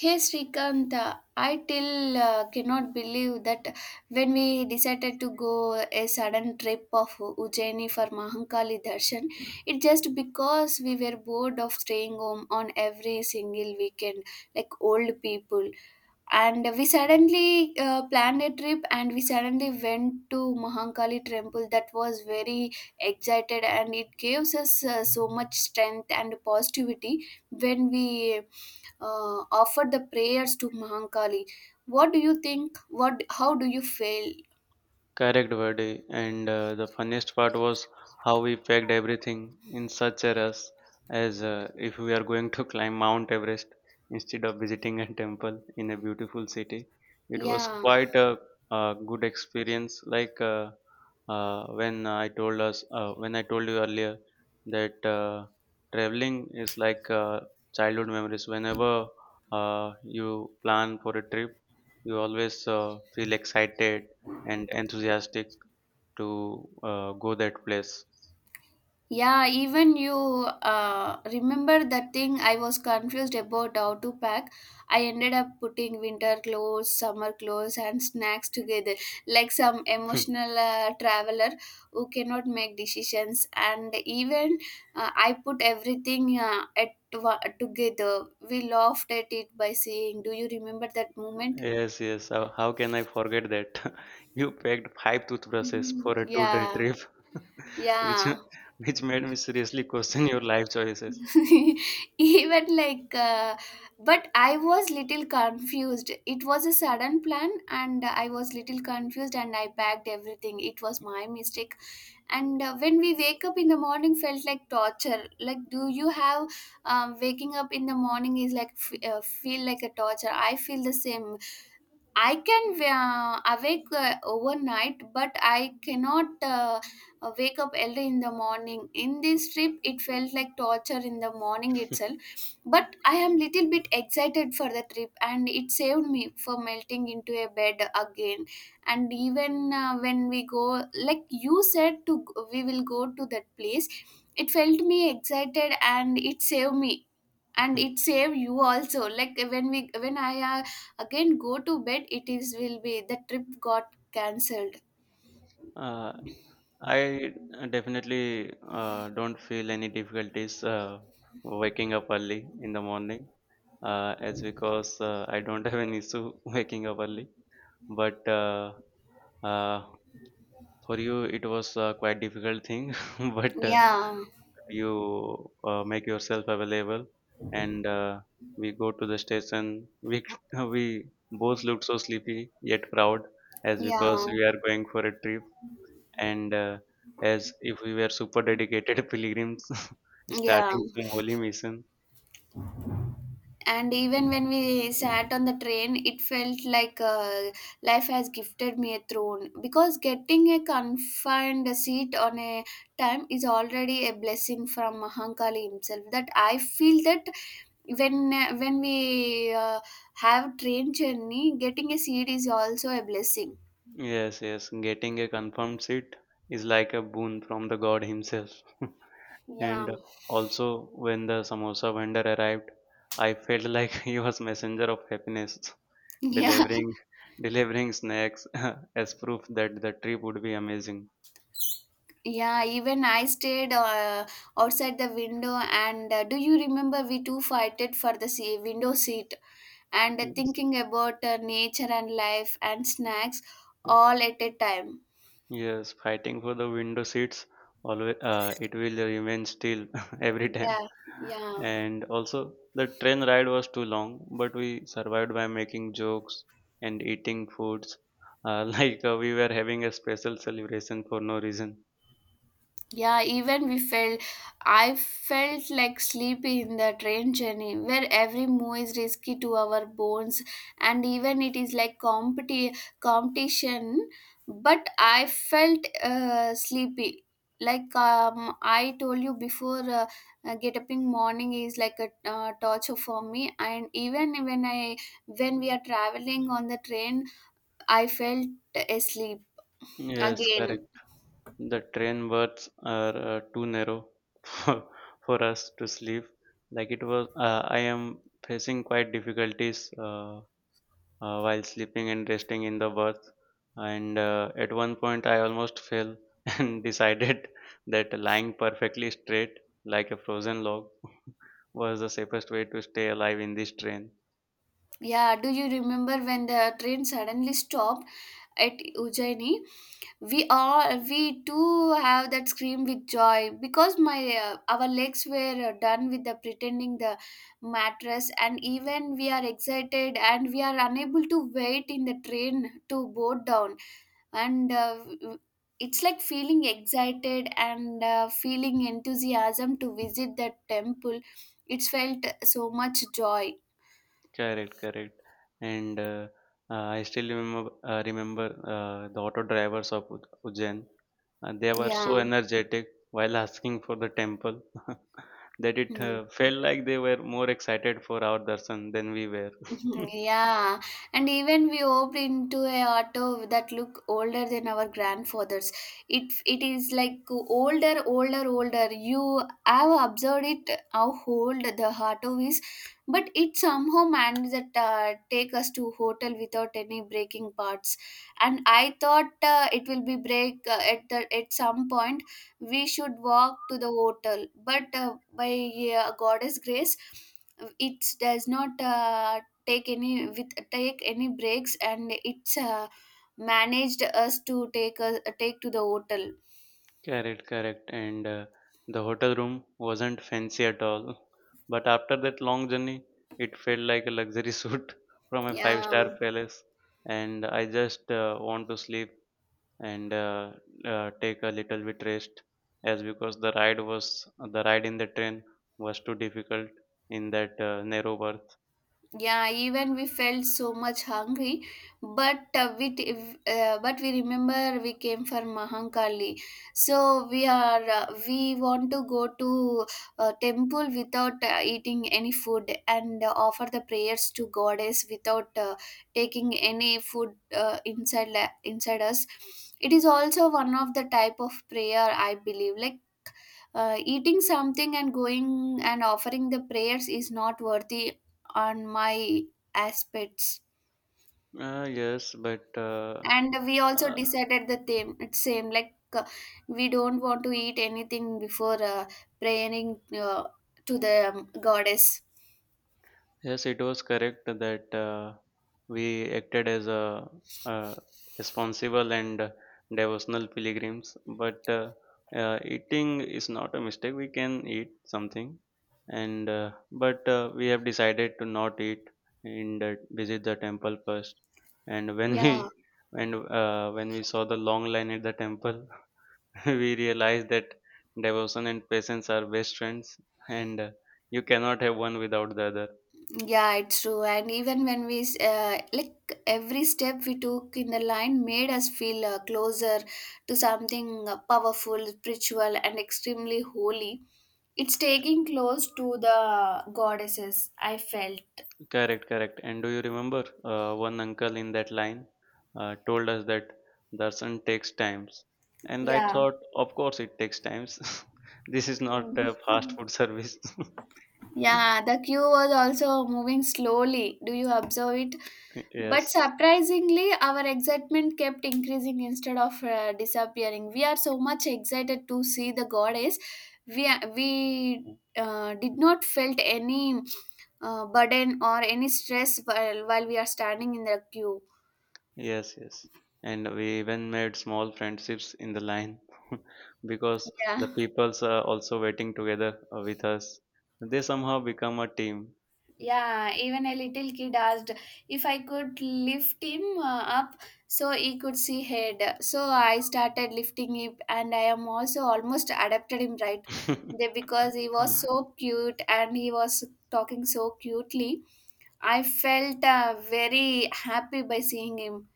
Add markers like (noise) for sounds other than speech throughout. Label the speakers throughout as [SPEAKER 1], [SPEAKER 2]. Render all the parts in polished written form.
[SPEAKER 1] Hey Srikant, I till cannot believe that when we decided to go a sudden trip of Ujjaini for Mahankali Darshan, it just because we were bored of staying home on every single weekend like old people, and we suddenly planned a trip and we suddenly went to Mahankali temple. That was very excited, and it gives us so much strength and positivity when we offer the prayers to Mahankali. What do you think, what how do you feel?
[SPEAKER 2] Correct, Verdi. And the funniest part was how we packed everything in such a rush, as if we are going to (laughs) climb Mount Everest instead of visiting a temple in a beautiful city. It was
[SPEAKER 1] Yeah.
[SPEAKER 2] quite a good experience. Like when I when I told you earlier that traveling is like childhood memories. Whenever you plan for a trip, you always feel excited and enthusiastic to go that place.
[SPEAKER 1] Yeah, even you remember that thing, I was confused about how to pack. I ended up putting winter clothes, summer clothes, and snacks together, like some
[SPEAKER 2] (laughs)
[SPEAKER 1] emotional traveler who cannot make decisions. And even I put everything at together. We laughed at it by saying, "Do you remember that moment?"
[SPEAKER 2] Yes, yes. How can I forget that? (laughs) You packed five toothbrushes for a 2-day
[SPEAKER 1] Yeah,
[SPEAKER 2] trip, (laughs) which
[SPEAKER 1] yeah.
[SPEAKER 2] which made me seriously question your life choices.
[SPEAKER 1] (laughs) Even like but I was little confused, it was a sudden plan and I was little confused and I packed everything, it was my mistake. And when we wake up in the morning felt like torture, like do you have waking up in the morning is like feel like a torture, I feel the same. I can awake overnight, but I cannot wake up early in the morning. In this trip, it felt like torture in the morning itself. But I am little bit excited for the trip, and it saved me for melting into a bed again. And even when we go, like you said, to we will go to that place. It felt me excited, and it saved me, and it
[SPEAKER 2] (laughs)
[SPEAKER 1] saved you also. Like when we when I. Again go to bed, it is will be the trip got cancelled.
[SPEAKER 2] Uh, I definitely don't feel any difficulties waking up early in the morning, as because I don't (laughs) have an issue (laughs) waking up early. But uh, for you, it was quite difficult thing, (laughs) but
[SPEAKER 1] Yeah.
[SPEAKER 2] you make yourself available, and we go to the station. We (laughs) we both looked so sleepy yet proud, as
[SPEAKER 1] Yeah,
[SPEAKER 2] because we are going for a trip, and as if we were super dedicated (laughs) pilgrims (laughs)
[SPEAKER 1] yeah,
[SPEAKER 2] starting some holy mission.
[SPEAKER 1] and even when we sat on the train, it felt like life has gifted me a throne, because getting a confined seat on a time is already a blessing from Mahankali himself. That I feel that when we have train journey, getting a seat is also a blessing.
[SPEAKER 2] Yes, yes, getting a confirmed seat is like a boon from the God Himself. (laughs)
[SPEAKER 1] Yeah.
[SPEAKER 2] And also, when the samosa vendor arrived, I felt like (laughs) he was messenger of happiness,
[SPEAKER 1] (laughs) Yeah.
[SPEAKER 2] delivering delivering snacks (laughs) as proof that the trip would be amazing.
[SPEAKER 1] Yeah, even I stayed outside the window, and do you remember we two fighted for the window seat, and
[SPEAKER 2] Yes,
[SPEAKER 1] thinking about nature and life and snacks all at a time?
[SPEAKER 2] yes, fighting for the window seats. Always, it will remain still (laughs) every time.
[SPEAKER 1] Yeah, yeah.
[SPEAKER 2] And also, the train ride was too long, but we survived by making jokes and eating foods, (laughs) like we were having a special celebration for no reason.
[SPEAKER 1] Yeah, even we felt, I felt like sleepy in the train journey where every move is risky to our bones, and even it is like competition. But I felt sleepy. Like I told you before, get up in morning is like a torture for me. And even when I when we are traveling on the train, I felt asleep
[SPEAKER 2] Yes,
[SPEAKER 1] again.
[SPEAKER 2] correct. The train berths are too narrow (laughs) for, for us to sleep. Like I am facing quite difficulties while sleeping and resting in the berth. And at one point, I almost fell (laughs) and decided that lying perfectly straight, like a frozen log, (laughs) was the safest way to stay alive in this train.
[SPEAKER 1] Yeah, do you remember when the train suddenly stopped at Ujjaini? We all, we too have that scream with joy, because my our legs were done with the pretending the mattress, and even we are excited and we are unable to wait in the train to board down, and it's like feeling excited and feeling enthusiasm to visit that temple. It's felt so much joy.
[SPEAKER 2] Correct, correct. And I still remember the auto drivers of Ujjain. They were so
[SPEAKER 1] Yeah.
[SPEAKER 2] energetic while asking for the temple (laughs) that it
[SPEAKER 1] Hmm.
[SPEAKER 2] felt like they were more excited for our darshan than we were.
[SPEAKER 1] (laughs) Mhm.
[SPEAKER 2] (laughs)
[SPEAKER 1] Yeah, and even we hopped into a auto that look older than our grandfathers. It is like older, older, older. You have observed it how old the auto is, but it somehow managed that take us to hotel without any breaking parts. And I thought it will be break at the at some point. We should walk to the hotel, but by Goddess grace, it does not take any with take any breaks, and it's managed us to take a take to the hotel.
[SPEAKER 2] Correct, correct. And the hotel room wasn't fancy at all. But after that long journey, it felt like a luxury (laughs) suite from a
[SPEAKER 1] Yeah.
[SPEAKER 2] 5-star palace. And I just want to sleep and take a little bit rest as because the ride in the train was too difficult in that narrow berth
[SPEAKER 1] Yeah, even we felt so much hungry, but but we remember we came for Mahankali, so we are we want to go to temple without eating any food, and offer the prayers to goddess without taking any food inside us. It is also one of the type of prayer I believe, like eating something and going and offering the prayers is not worthy on my aspects.
[SPEAKER 2] uh, Yes, but
[SPEAKER 1] And we also
[SPEAKER 2] uh,
[SPEAKER 1] decided the same, same like we don't want to eat anything before praying to the goddess.
[SPEAKER 2] yes, it was correct that we acted as a, uh responsible and devotional pilgrims. But eating is not a mistake. We can eat something, and but we have decided to not eat in the visit the temple first. And when
[SPEAKER 1] Yeah.
[SPEAKER 2] we and when we saw the long line at the temple, (laughs) we realized that devotion and patience are best friends, and you cannot have one without the other.
[SPEAKER 1] Yeah, it's true. And even when we, like, every step we took in the line made us feel closer to something powerful, spiritual, and extremely holy. It's taking close to the goddesses, I felt.
[SPEAKER 2] Correct, correct. And do you remember one uncle in that line told us that darshan takes times, and I
[SPEAKER 1] Yeah.
[SPEAKER 2] thought, of course, it takes times. (laughs) This is not a fast food service.
[SPEAKER 1] Yeah, the queue was also moving slowly. Do you observe it?
[SPEAKER 2] (laughs)
[SPEAKER 1] But
[SPEAKER 2] Yes,
[SPEAKER 1] surprisingly, our excitement kept increasing instead of disappearing. We are so much excited to see the goddess. We we did not felt any burden or any stress while we are standing in the queue.
[SPEAKER 2] yes, yes. And we even made small friendships in the line (laughs) because
[SPEAKER 1] Yeah.
[SPEAKER 2] the peoples are also waiting together with us. They somehow become a team.
[SPEAKER 1] Yeah, even a little kid asked if I could lift him up so he could see head. So I started lifting him, and I am also almost adopted him right there, because he was
[SPEAKER 2] (laughs)
[SPEAKER 1] so cute and he was talking so cutely. I felt very happy by seeing him.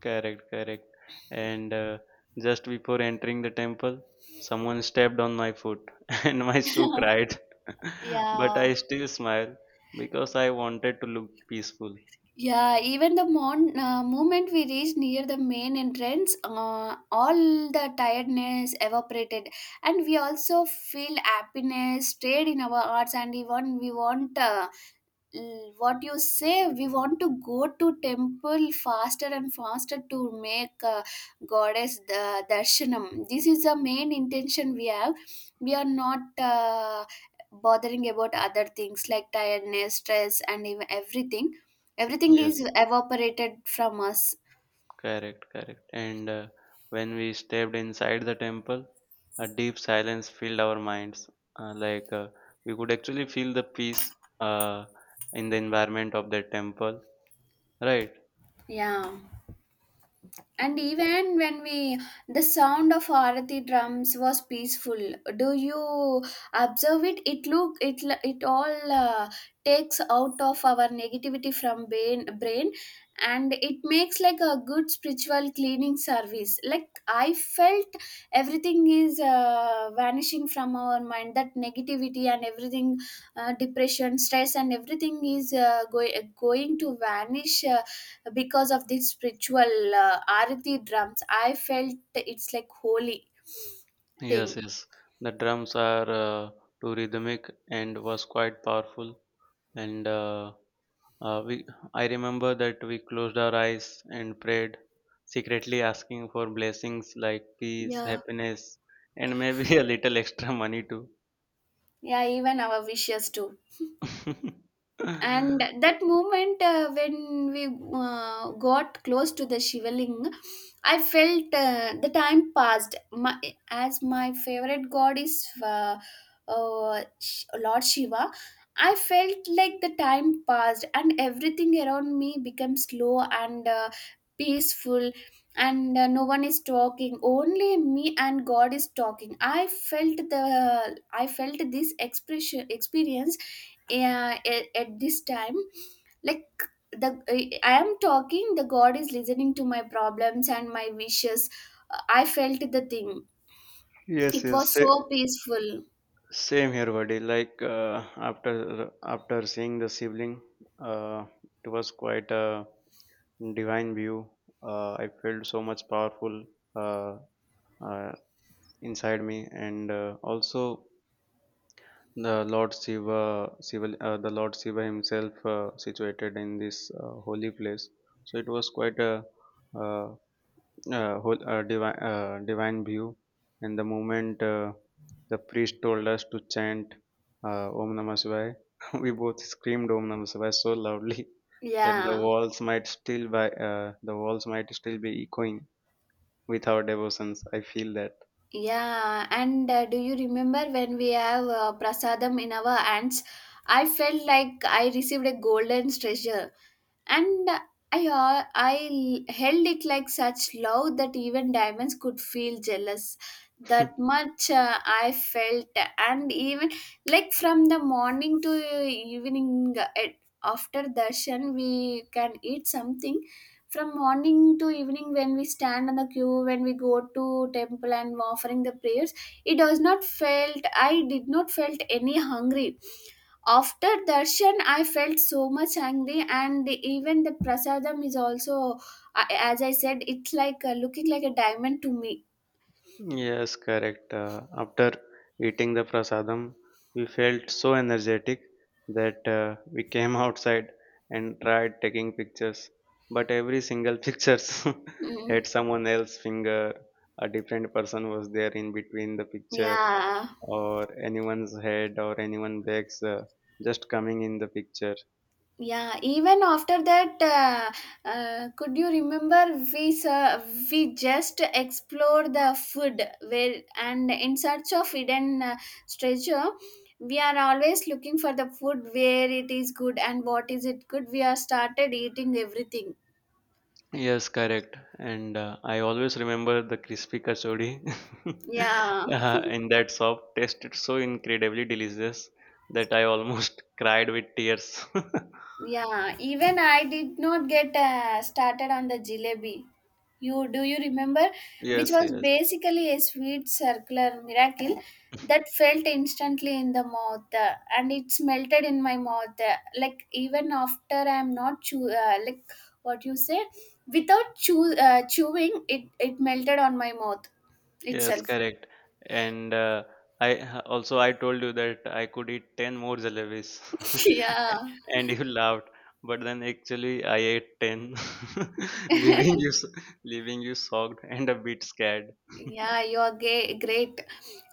[SPEAKER 2] Correct, correct. And just before entering the temple, someone stepped on my foot (laughs) and my shoe
[SPEAKER 1] (laughs)
[SPEAKER 2] cried. (laughs) But
[SPEAKER 1] Yeah.
[SPEAKER 2] I still smiled because I wanted to look peaceful.
[SPEAKER 1] Yeah, even the moment we reached near the main entrance, all the tiredness evaporated, and we also feel happiness, stayed in our hearts, and even we want what you say, we want to go to temple faster and faster to make goddess the darshanam. This is the main intention we have, we are not bothering about other things like tiredness, stress, and even everything, everything is
[SPEAKER 2] Yes,
[SPEAKER 1] evaporated from us.
[SPEAKER 2] correct, correct. And when we stepped inside the temple, a deep silence filled our minds. Like we could actually feel the peace uh, in the environment of the temple, right?
[SPEAKER 1] Yeah. And even when we, the sound of Arati drums was peaceful. Do you observe it? It look it it all takes out of our negativity from brain, and it makes like a good spiritual cleaning service. Like I felt everything is vanishing from our mind. That negativity and everything, depression, stress, and everything is going going to vanish. Because of this spiritual Arati drums, I felt it's like holy thing.
[SPEAKER 2] Yes, yes. The drums are too rhythmic and was quite powerful. And uh, we, I remember that we closed our eyes and prayed, secretly asking for blessings like peace,
[SPEAKER 1] Yeah.
[SPEAKER 2] happiness, and maybe (laughs) a little extra money too.
[SPEAKER 1] Yeah, even our wishes too.
[SPEAKER 2] (laughs)
[SPEAKER 1] And that moment when we got close to the shivaling, I felt the time passed my, as my favorite god is uh, Lord Shiva. I felt like the time passed and everything around me became slow and peaceful, and no one is talking, only me and god is talking. I felt the I felt this expression experience at this time, like the I am talking, the god is listening to my problems and my wishes. I felt the thing.
[SPEAKER 2] Yes,
[SPEAKER 1] It
[SPEAKER 2] yes.
[SPEAKER 1] was so peaceful.
[SPEAKER 2] Same here, buddy. Like after seeing the sibling, uh, it was quite a divine view. I felt so much powerful uh, uh, inside me, and also the Lord Shiva himself situated in this holy place. So it was quite a uh, whole divine view, and the moment the priest told us to chant om namah shivaya, (laughs) we both screamed om namah shivaya so loudly (laughs) that
[SPEAKER 1] Yeah.
[SPEAKER 2] the walls might still be echoing with our devotions I feel that
[SPEAKER 1] Yeah, and do you remember when we have prasadam in our hands, I felt like I received a golden treasure. And I held it like such love that even diamonds could feel jealous. That
[SPEAKER 2] (laughs)
[SPEAKER 1] much I felt, and even like from the morning to evening, after darshan, we can eat something. From morning to evening, when we stand on the queue, when we go to temple and offering the prayers, it does not felt. I did not felt any hungry. After darshan, I felt so much hungry, and even the prasadam is also, I as I said, it's like looking like a diamond to me.
[SPEAKER 2] Yes, correct. After eating the prasadam, we felt so energetic that we came (laughs) outside and tried taking pictures. But every single (laughs) pictures
[SPEAKER 1] Mm.
[SPEAKER 2] had someone else's finger. A different person was there in between the picture,
[SPEAKER 1] Yeah,
[SPEAKER 2] or anyone's head, or anyone bags just coming in the picture.
[SPEAKER 1] yeah. Even after that, could you remember we sir, we just explored the food where and in search of hidden treasure. We are always looking for the food, where it is good and what is it good. We are started eating everything.
[SPEAKER 2] Yes, correct. And I always remember the crispy kachori
[SPEAKER 1] Yeah.
[SPEAKER 2] (laughs) in that shop tasted so incredibly delicious that I almost (laughs) cried with tears. (laughs)
[SPEAKER 1] Yeah, even I did not get started on the jalebi. You do you remember, which
[SPEAKER 2] Yes,
[SPEAKER 1] was
[SPEAKER 2] yes.
[SPEAKER 1] basically a sweet circular miracle that felt instantly in the mouth, and it's melted in my mouth. Like even after I'm not chew, like what you say, without chew, chewing, it melted on my mouth
[SPEAKER 2] Yes,
[SPEAKER 1] itself.
[SPEAKER 2] correct. And also I told you that I could eat 10 more jalebis (laughs)
[SPEAKER 1] (laughs) Yeah.
[SPEAKER 2] and you laughed. But then actually I ate 10, (laughs) leaving
[SPEAKER 1] (laughs)
[SPEAKER 2] you s- leaving you shocked and a bit scared.
[SPEAKER 1] Yeah, you are gay, great.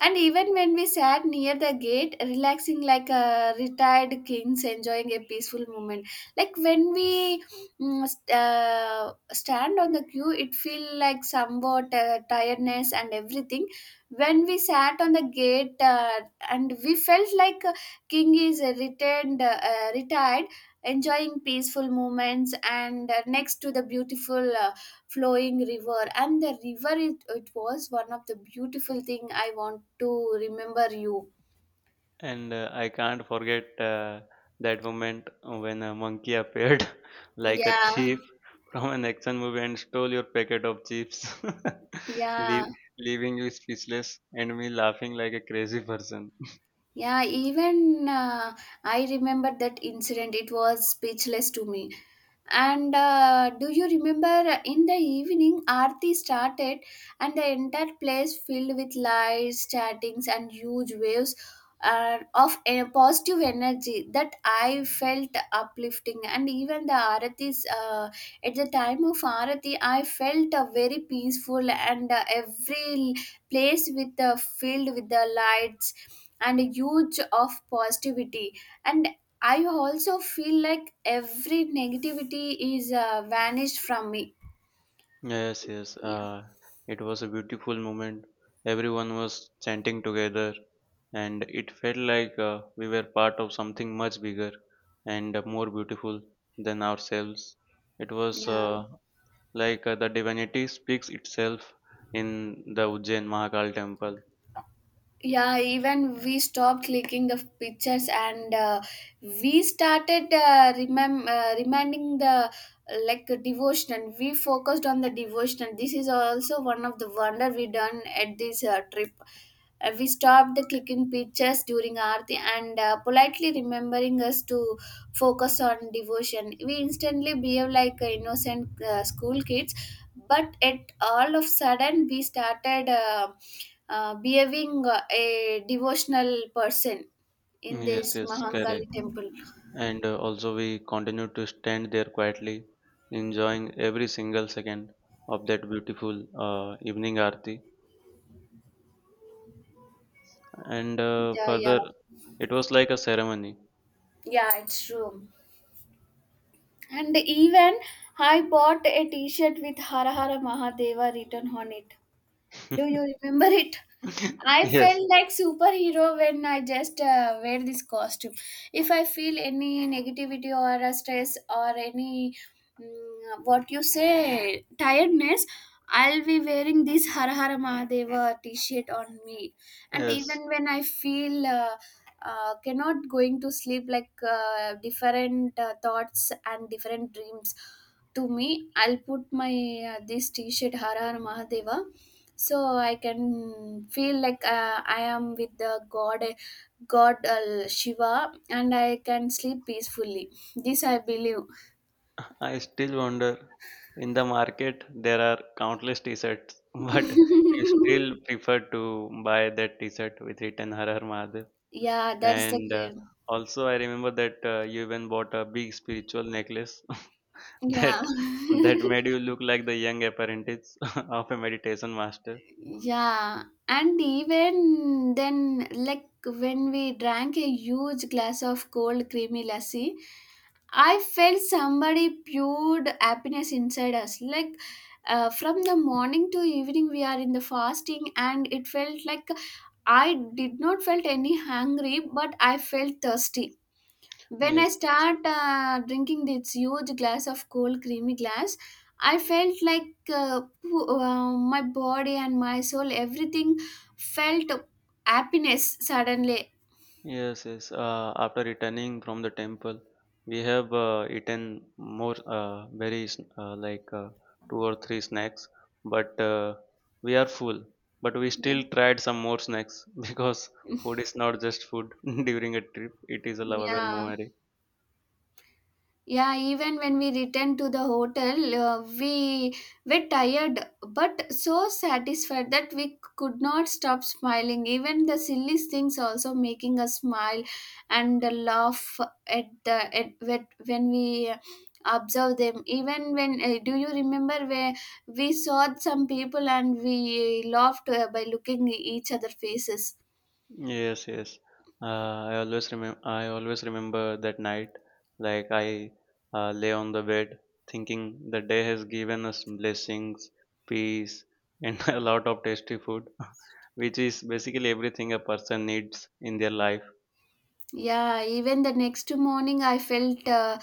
[SPEAKER 1] And even when we sat near the gate, relaxing like a retired kings, enjoying a peaceful moment. Like when we stand on the queue, it feel like somewhat tiredness and everything. When we sat on the gate, and we felt like king is returned, retired, enjoying peaceful moments, and next to the beautiful. Flowing river. And the river it was one of the beautiful thing I want to remember you.
[SPEAKER 2] And I can't forget that moment when a monkey appeared (laughs) like a
[SPEAKER 1] yeah
[SPEAKER 2] thief from an action movie and stole your packet of chips, (laughs)
[SPEAKER 1] yeah
[SPEAKER 2] leave, leaving you speechless and me laughing like a crazy person.
[SPEAKER 1] yeah even I remember that incident. It was speechless to me. And do you remember in the evening aarti started and the entire place filled with lights, chatings and huge waves of a positive energy that I felt uplifting. And even the aarti's at the time of Arati, I felt very peaceful, and every place with the filled with the lights and a huge of positivity. And I also feel like every negativity is vanished from me.
[SPEAKER 2] Yes, yes,
[SPEAKER 1] Yeah,
[SPEAKER 2] it was a beautiful moment. Everyone was chanting together, and it felt like we were part of something much bigger and more beautiful than ourselves. It was
[SPEAKER 1] yeah.
[SPEAKER 2] like the divinity speaks itself in the Ujjain Mahakal temple.
[SPEAKER 1] Yeah. even We stopped clicking the pictures and we started reminding the like devotion. We focused on the devotion. This is also one of the wonder we done at this trip. We stopped the clicking pictures during aarti and politely remembering us to focus on devotion. We instantly behave like innocent school kids, but it all of sudden we started behaving a devotional person in
[SPEAKER 2] Yes,
[SPEAKER 1] this
[SPEAKER 2] yes,
[SPEAKER 1] mahankali
[SPEAKER 2] correct.
[SPEAKER 1] temple.
[SPEAKER 2] And also, we continue to stand there quietly, enjoying every single second of that beautiful evening aarti. And
[SPEAKER 1] yeah yeah
[SPEAKER 2] further, it was like a ceremony.
[SPEAKER 1] yeah it's true. And even I bought a t-shirt with hara hara mahadeva written on it. Do you
[SPEAKER 2] (laughs)
[SPEAKER 1] remember it? I
[SPEAKER 2] Yes,
[SPEAKER 1] felt like superhero when I just wear this costume. If I feel any negativity or a stress or any what you say tiredness, I'll be wearing this Har Har Mahadeva T-shirt on me. And
[SPEAKER 2] yes.
[SPEAKER 1] even when I feel cannot going to sleep, like different thoughts and different dreams to me, I'll put my this T-shirt Har Har Mahadeva so I can feel like I am with the god, shiva, and I can sleep peacefully. This I believe.
[SPEAKER 2] I still wonder. In the market, there are countless T-shirts, (laughs) but you
[SPEAKER 1] (laughs)
[SPEAKER 2] still prefer to buy that T-shirt with written Har Har Mahadev.
[SPEAKER 1] Yeah, that's the
[SPEAKER 2] And
[SPEAKER 1] great.
[SPEAKER 2] also, I remember that you even bought a big spiritual necklace (laughs)
[SPEAKER 1] yeah
[SPEAKER 2] that that
[SPEAKER 1] (laughs)
[SPEAKER 2] made you look like the young apprentice (laughs) of a meditation master.
[SPEAKER 1] Yeah, and even then, like when we drank a huge glass of cold creamy lassi, I felt somebody poured happiness inside us. Like from the morning to evening, we are in the fasting, and it felt like I did not felt any hungry, but I felt thirsty when I
[SPEAKER 2] Yes, yes,
[SPEAKER 1] start drinking this huge glass of cold creamy glass. I felt like my body and my soul, everything felt happiness suddenly.
[SPEAKER 2] yes, yes. After returning from the temple, we have eaten more like two or three snacks, but we are full. But we
[SPEAKER 1] yeah
[SPEAKER 2] still tried some more snacks (laughs) because food is not just food (laughs) during a trip; it is a lovable
[SPEAKER 1] yeah
[SPEAKER 2] memory.
[SPEAKER 1] Yeah, even when we returned to the hotel, we were tired but so satisfied that we could not stop smiling. Even the silly things also making us smile and laugh when we observe them. Even when do you remember where we saw some people and we laughed by looking each other faces?
[SPEAKER 2] Yes, yes. I always remember. I always remember that night. Like I lay on the bed, thinking the day has given us blessings, peace, and (laughs) a lot of tasty food, (laughs) which is basically everything a person needs in their life.
[SPEAKER 1] Yeah, even the next morning, I felt uh,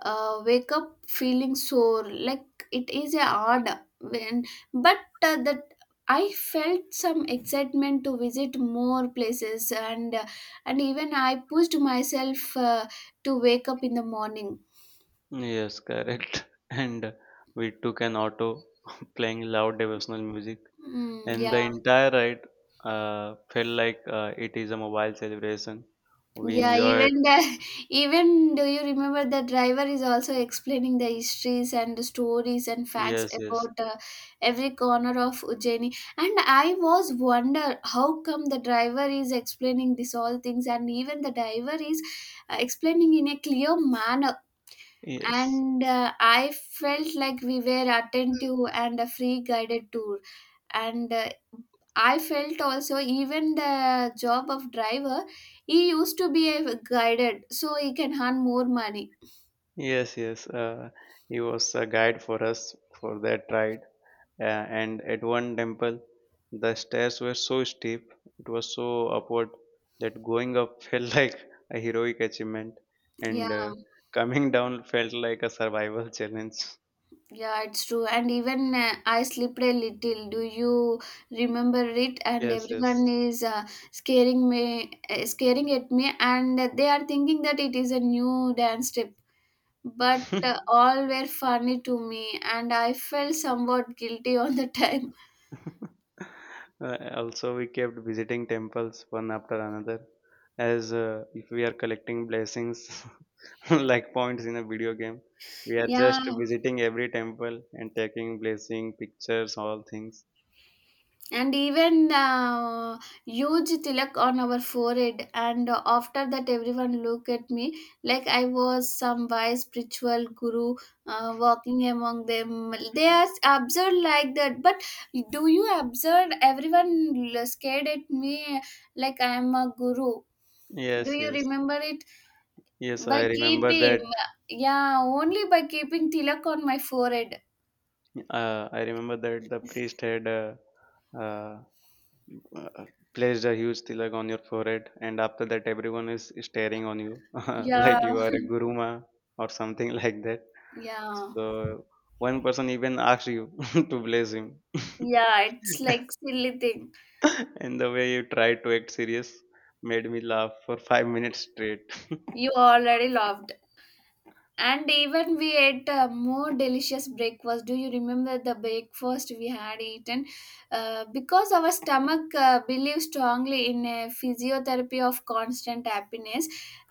[SPEAKER 1] uh, wake up feeling sore. Like it is a odd when, but that I felt some excitement to visit more places, and and even I pushed myself to wake up in the morning.
[SPEAKER 2] Yes, correct. (laughs) And we took an auto, (laughs) playing loud devotional music,
[SPEAKER 1] Mm,
[SPEAKER 2] and the
[SPEAKER 1] yeah.
[SPEAKER 2] entire ride felt like it is a mobile celebration. We
[SPEAKER 1] Yeah,
[SPEAKER 2] enjoyed.
[SPEAKER 1] even the (laughs) even do you remember the driver is also explaining the histories and the stories and facts
[SPEAKER 2] Yes, yes,
[SPEAKER 1] about every corner of Ujjaini. And I was wonder how come the driver is explaining this all things, and even the driver is explaining in a clear manner.
[SPEAKER 2] yes.
[SPEAKER 1] And I felt like we were attentive and a free guided tour. And I felt also even the job of driver, he used to be a guided, so he can earn more money.
[SPEAKER 2] Yes, yes. He was a guide for us for that ride. And at one temple, the stairs were so steep, it was so upward that going up (laughs) felt like a heroic achievement,
[SPEAKER 1] Yeah,
[SPEAKER 2] and coming down felt like a survival challenge.
[SPEAKER 1] yeah, it's true. And even I slipped a little. Do you remember it? And
[SPEAKER 2] Yes,
[SPEAKER 1] everyone
[SPEAKER 2] yes.
[SPEAKER 1] is scaring at me, and they are thinking that it is a new dance step. But
[SPEAKER 2] (laughs)
[SPEAKER 1] all were funny to me, and I felt somewhat guilty (laughs) all the time. (laughs)
[SPEAKER 2] Also, we kept visiting temples one after another, as if we are collecting blessings (laughs) (laughs) like points in a video game. We are
[SPEAKER 1] Yeah,
[SPEAKER 2] just visiting every temple and taking blessing pictures, all things.
[SPEAKER 1] and even huge tilak on our forehead. And after that, everyone look at me like I was some wise spiritual guru walking among them. They are absurd like that. But do you observe everyone scared at me like I am a guru? Do
[SPEAKER 2] Yes,
[SPEAKER 1] you
[SPEAKER 2] yes,
[SPEAKER 1] remember it?
[SPEAKER 2] yes.
[SPEAKER 1] By
[SPEAKER 2] I remember
[SPEAKER 1] keeping,
[SPEAKER 2] that.
[SPEAKER 1] yeah, Only by keeping tilak on my forehead.
[SPEAKER 2] I remember that the priest had uh, uh, placed a huge tilak on your forehead, and after that, everyone is staring on you (laughs)
[SPEAKER 1] Yeah,
[SPEAKER 2] like you are a guruma or something (laughs) like that.
[SPEAKER 1] yeah,
[SPEAKER 2] So one person even asked you (laughs) to bless him.
[SPEAKER 1] yeah. It's like
[SPEAKER 2] (laughs)
[SPEAKER 1] silly thing.
[SPEAKER 2] (laughs) And the way you tried to act serious made me laugh for 5 minutes straight.
[SPEAKER 1] You already loved. And even we ate a more delicious breakfast. Do you remember the breakfast we had eaten? Because our stomach believes strongly in a physiotherapy of constant happiness.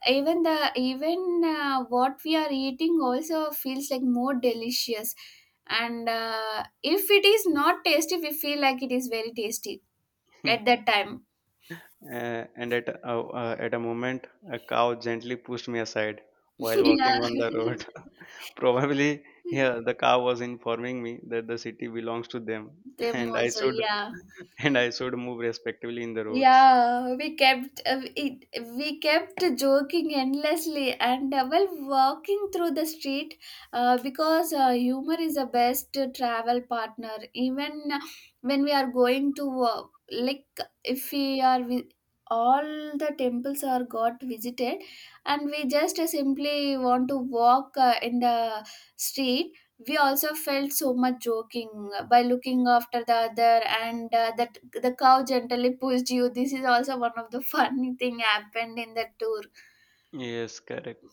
[SPEAKER 1] Even the even what we are eating also feels like more delicious. And if it is not tasty, we feel like it is very tasty at
[SPEAKER 2] (laughs)
[SPEAKER 1] that time.
[SPEAKER 2] And at a moment, a cow gently pushed me aside
[SPEAKER 1] (laughs)
[SPEAKER 2] while
[SPEAKER 1] yeah,
[SPEAKER 2] walking on the road. (laughs) Probably, yeah, the
[SPEAKER 1] (laughs)
[SPEAKER 2] cow was informing me that the city belongs to them, (laughs)
[SPEAKER 1] them
[SPEAKER 2] and I
[SPEAKER 1] also.
[SPEAKER 2] should
[SPEAKER 1] Yeah.
[SPEAKER 2] (laughs) and I should move respectively in the roads.
[SPEAKER 1] Yeah, we kept uh, it, we kept joking endlessly and while walking through the street, because humor is the best travel partner. Even when we are going to like if we are with all the temples are got visited and we just simply want to walk in the street, we also felt so much joking by looking after the other, and that the cow gently pushed you. This is also one of the (laughs) funny thing happened in the tour.
[SPEAKER 2] Yes, correct.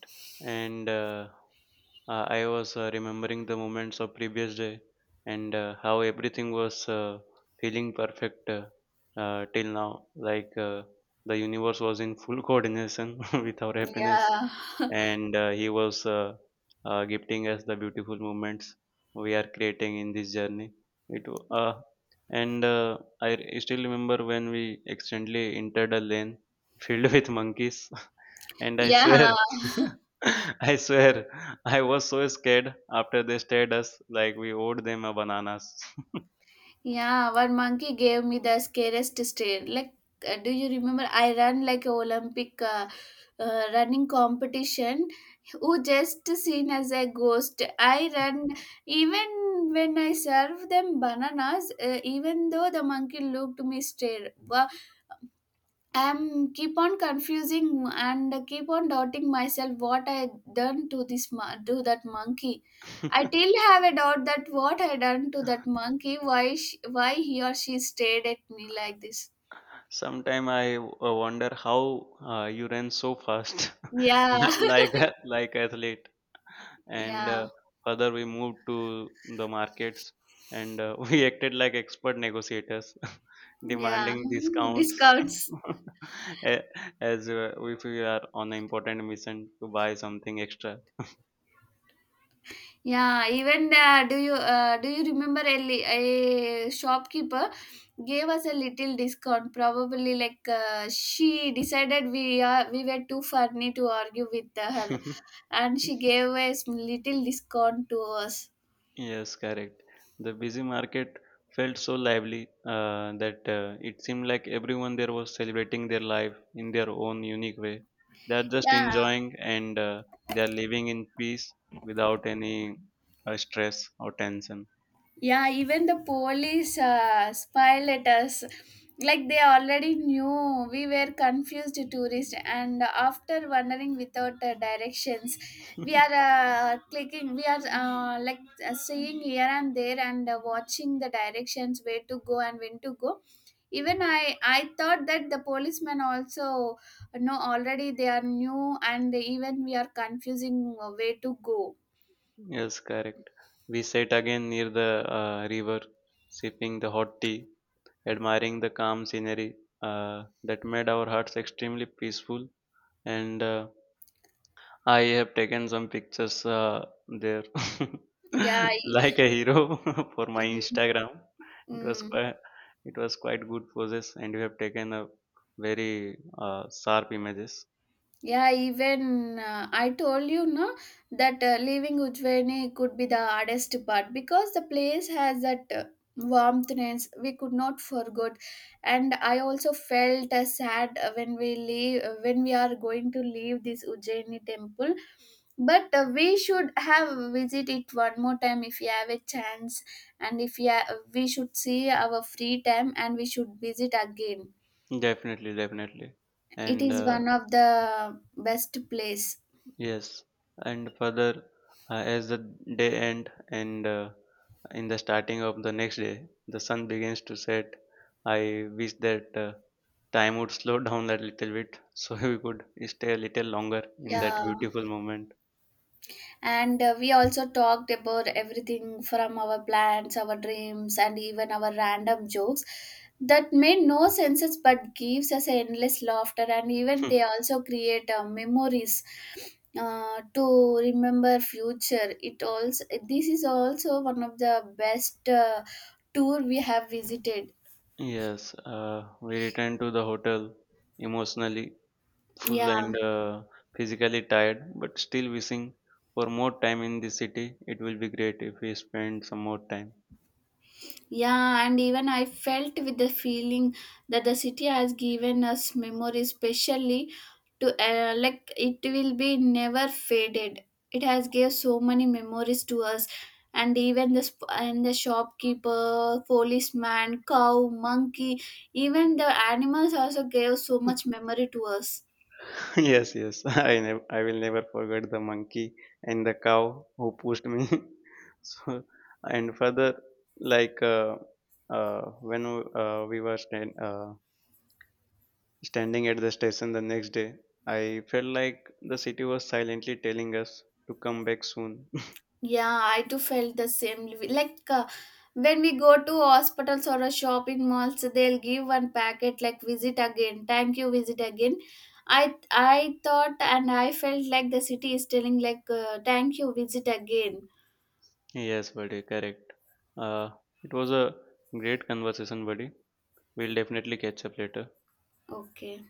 [SPEAKER 2] And I was remembering the moments of previous day and how everything was feeling perfect till now. Like the universe was in full coordination (laughs) with our happiness,
[SPEAKER 1] yeah
[SPEAKER 2] and He was gifting us the beautiful moments we are creating in this journey. It wa- uh, and I still remember when we accidentally entered a lane filled with monkeys. (laughs) And I swear,
[SPEAKER 1] yeah (laughs)
[SPEAKER 2] (laughs) I swear, I was so scared after they stared us like we owed them a bananas.
[SPEAKER 1] yeah One monkey gave me the scariest stare. Like do you remember I ran like a olympic running competition, who just seen as a ghost. I ran even when I served them bananas. Even though the monkey looked me straight, I'm keep on confusing and keep on doubting myself what I done to to that monkey. I
[SPEAKER 2] (laughs)
[SPEAKER 1] still have a doubt that what I done to that monkey. Why he or she stared at me like this?
[SPEAKER 2] Sometime I wonder how you ran so fast,
[SPEAKER 1] Yeah,
[SPEAKER 2] (laughs)
[SPEAKER 1] (laughs)
[SPEAKER 2] like athlete. And
[SPEAKER 1] yeah,
[SPEAKER 2] further, we moved to the markets, and (laughs) we acted like expert negotiators, (laughs)
[SPEAKER 1] yeah.
[SPEAKER 2] demanding discounts
[SPEAKER 1] Discounts.
[SPEAKER 2] (laughs) a- as if we are on an important mission to buy something extra.
[SPEAKER 1] Yeah, even do you remember a shopkeeper gave us a little discount? Probably like she decided we were too funny to argue with her,
[SPEAKER 2] (laughs)
[SPEAKER 1] and she gave us little discount to us.
[SPEAKER 2] Yes, correct. The busy market felt so lively that it seemed like everyone there was celebrating their life in their own unique way. They are just
[SPEAKER 1] Yeah.
[SPEAKER 2] enjoying and they are living in peace without any stress or tension. (laughs)
[SPEAKER 1] Yeah, even the police smiled at us. Like they already knew we were confused tourists, and after wandering without directions, we are clicking, we are like seeing here and there and watching the directions where to go and when to go. Even I thought that the policemen also know already they are new, and even we are confusing where to go.
[SPEAKER 2] Yes, correct. We sat again near the river, sipping the hot tea, admiring the calm scenery that made our hearts extremely peaceful. And I have taken some pictures there,
[SPEAKER 1] Yeah.
[SPEAKER 2] (laughs) like a hero (laughs) for my
[SPEAKER 1] Mm,
[SPEAKER 2] Instagram. It was
[SPEAKER 1] mm.
[SPEAKER 2] quite, it was quite good poses, and you have taken a very sharp images.
[SPEAKER 1] Yeah, even I told you no that leaving Ujjaini could be the hardest part because the place has that warmthness we could not forget, and I also felt sad when we leave when we are going to leave this Ujjaini temple. But we should have visit it one more time if you have a chance, and if we should see our free time and we should visit again.
[SPEAKER 2] Definitely, definitely,
[SPEAKER 1] It
[SPEAKER 2] and
[SPEAKER 1] is one of the best place.
[SPEAKER 2] yes, and further as the day end and in the starting of the next day, the sun begins to set. I wish that. Time would slow down that little bit so (laughs) we could stay a little longer in that
[SPEAKER 1] Yeah.
[SPEAKER 2] beautiful moment.
[SPEAKER 1] And we also talked about everything from our plans, our dreams and even our random jokes that made no senses but gives us endless laughter, and even they
[SPEAKER 2] (laughs)
[SPEAKER 1] also create memories to remember future. It also, this is also one of the best tour we have visited.
[SPEAKER 2] Yes, we returned to the hotel emotionally full
[SPEAKER 1] yeah
[SPEAKER 2] and physically tired, but still wishing for more time in the city. It will be great if we spend some more time.
[SPEAKER 1] Yeah, and even I felt with the feeling that the city has given us memories, especially to like it will be never faded. It has gave so many memories to us, and even the sp- and the shopkeeper, policeman, cow, monkey, even the animals also gave so much memory to us.
[SPEAKER 2] (laughs) Yes, yes, (laughs) I will never forget the monkey and the cow who pushed me. (laughs) So and further, like uh, when uh, we were stand, uh, standing at the station the next day, I felt like the city was silently telling us to come back soon. (laughs)
[SPEAKER 1] Yeah, I too felt the same. Like when we go to hospitals or a shop in malls, they'll give one packet like visit again, thank you, visit again. I thought and I felt like the city is telling like thank you, visit again.
[SPEAKER 2] Yes, buddy, correct. Uh, it was a great conversation, buddy. We'll definitely catch up later.
[SPEAKER 1] Okay.